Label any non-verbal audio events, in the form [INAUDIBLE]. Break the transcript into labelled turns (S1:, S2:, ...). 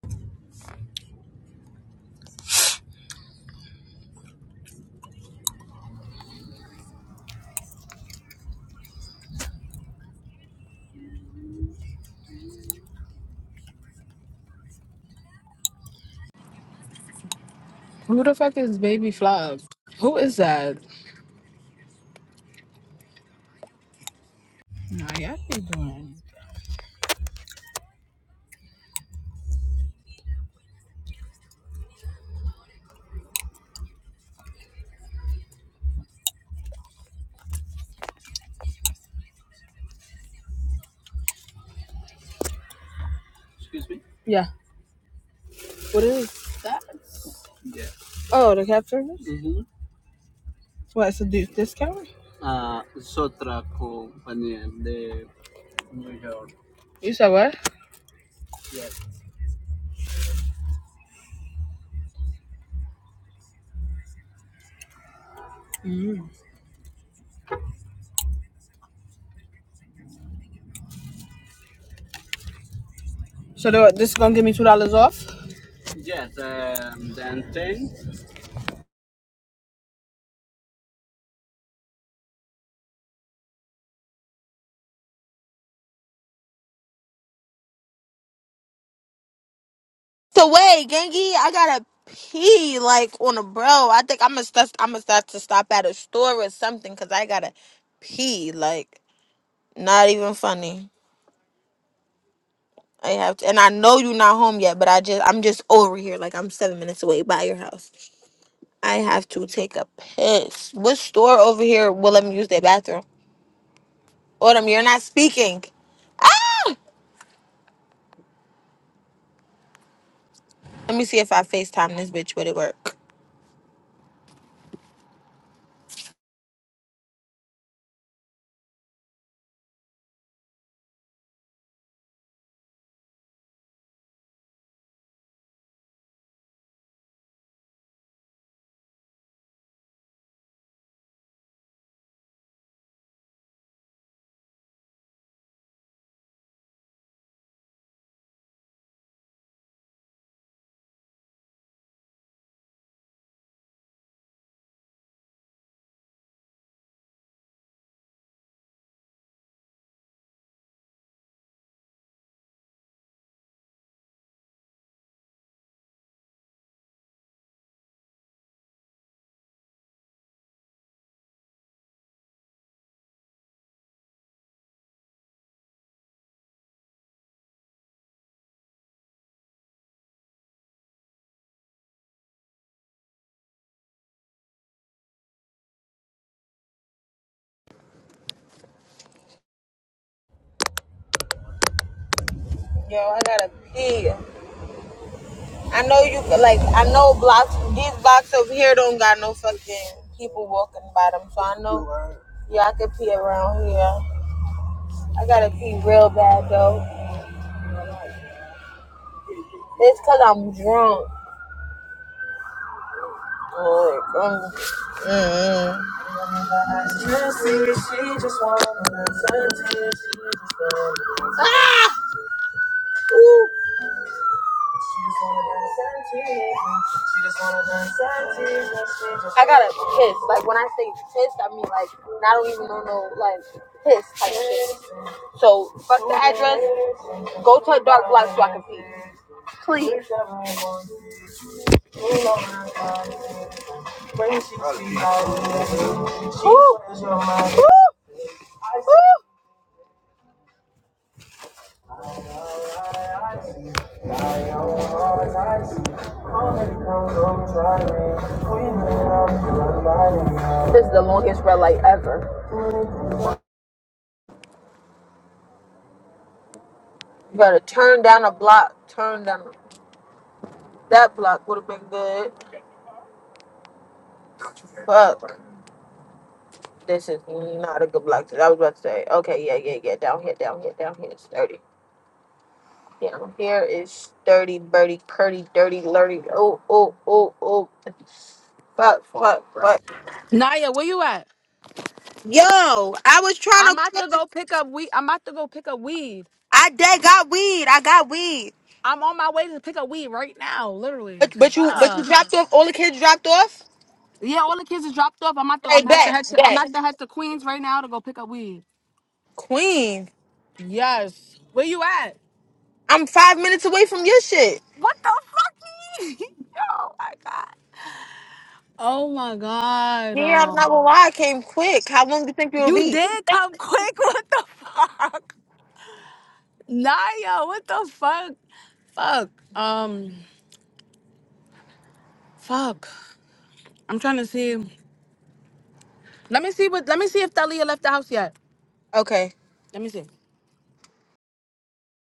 S1: Who the fuck is Baby Flop? Who is that? Nah, y'all be doing. Excuse me? Yeah. What is that? Yeah. Oh, the cab service? Mm-hmm. What, it's a d- discount? Uh, it's otra compañía de New York. You said what? Yes. So the, this is gonna give me two dollars off? Yes. um, Then thing.
S2: So wait, Gengi, I gotta pee like on a bro. I think I'm gonna st- I'm gonna start to stop at a store or something because I gotta pee. Like not even funny. I have to, and I know you're not home yet, but I just I'm just over here like I'm seven minutes away by your house. I have to take a piss. What store over here will let me use their bathroom? Autumn, you're not speaking. Let me see if I FaceTime this bitch. Would it work? Yo, I gotta pee. I know you like I know blocks these blocks over here don't got no fucking people walking by them, so I know yeah I could pee around here. I gotta pee real bad though. It's cause I'm drunk. Like, I'm- mm mm. Ah! Ooh. I gotta piss. Like when I say pissed, I mean like I don't even know no like piss type shit. So fuck the address. Go to a dark block so I can pee. Please. Woo! Woo! Woo! This is the longest red light ever. You gotta turn down a block. Turn down that block would have been good. Fuck. This is not a good block. I was about to say, okay, yeah, yeah, yeah. Down here, down here, down here is is thirty. Down here is dirty, birdie, curdy, dirty, lurdy. Oh, oh, oh, oh. Fuck, fuck, fuck.
S1: Naya, where you at?
S2: Yo, I was trying
S1: I'm about to
S2: to.
S1: go pick up weed. I'm about to go pick up weed.
S2: I did got weed. I got weed.
S1: I'm on my way to pick up weed right now,
S2: But
S1: literally.
S2: but you but you
S1: Fuck.
S2: dropped off all the kids dropped off?
S1: Yeah, all the kids is dropped off. I'm at the
S2: Right
S1: I'm at the
S2: back.
S1: head to I'm
S2: Back.
S1: at the head to Queens right now to go pick up weed.
S2: Queen.
S1: Yes. Where you at?
S2: I'm five minutes away from your shit.
S1: What the fuck? [LAUGHS] oh my god. Oh my god.
S2: Yeah, I'm
S1: Oh.
S2: not gonna lie, I came quick. How long do you think it'll
S1: You
S2: be?
S1: did come quick. [LAUGHS] What the fuck? Nah, yo, what the fuck? Fuck. Um fuck. I'm trying to see. Let me see what let me see if Thalia left the house yet.
S2: Okay.
S1: Let me see.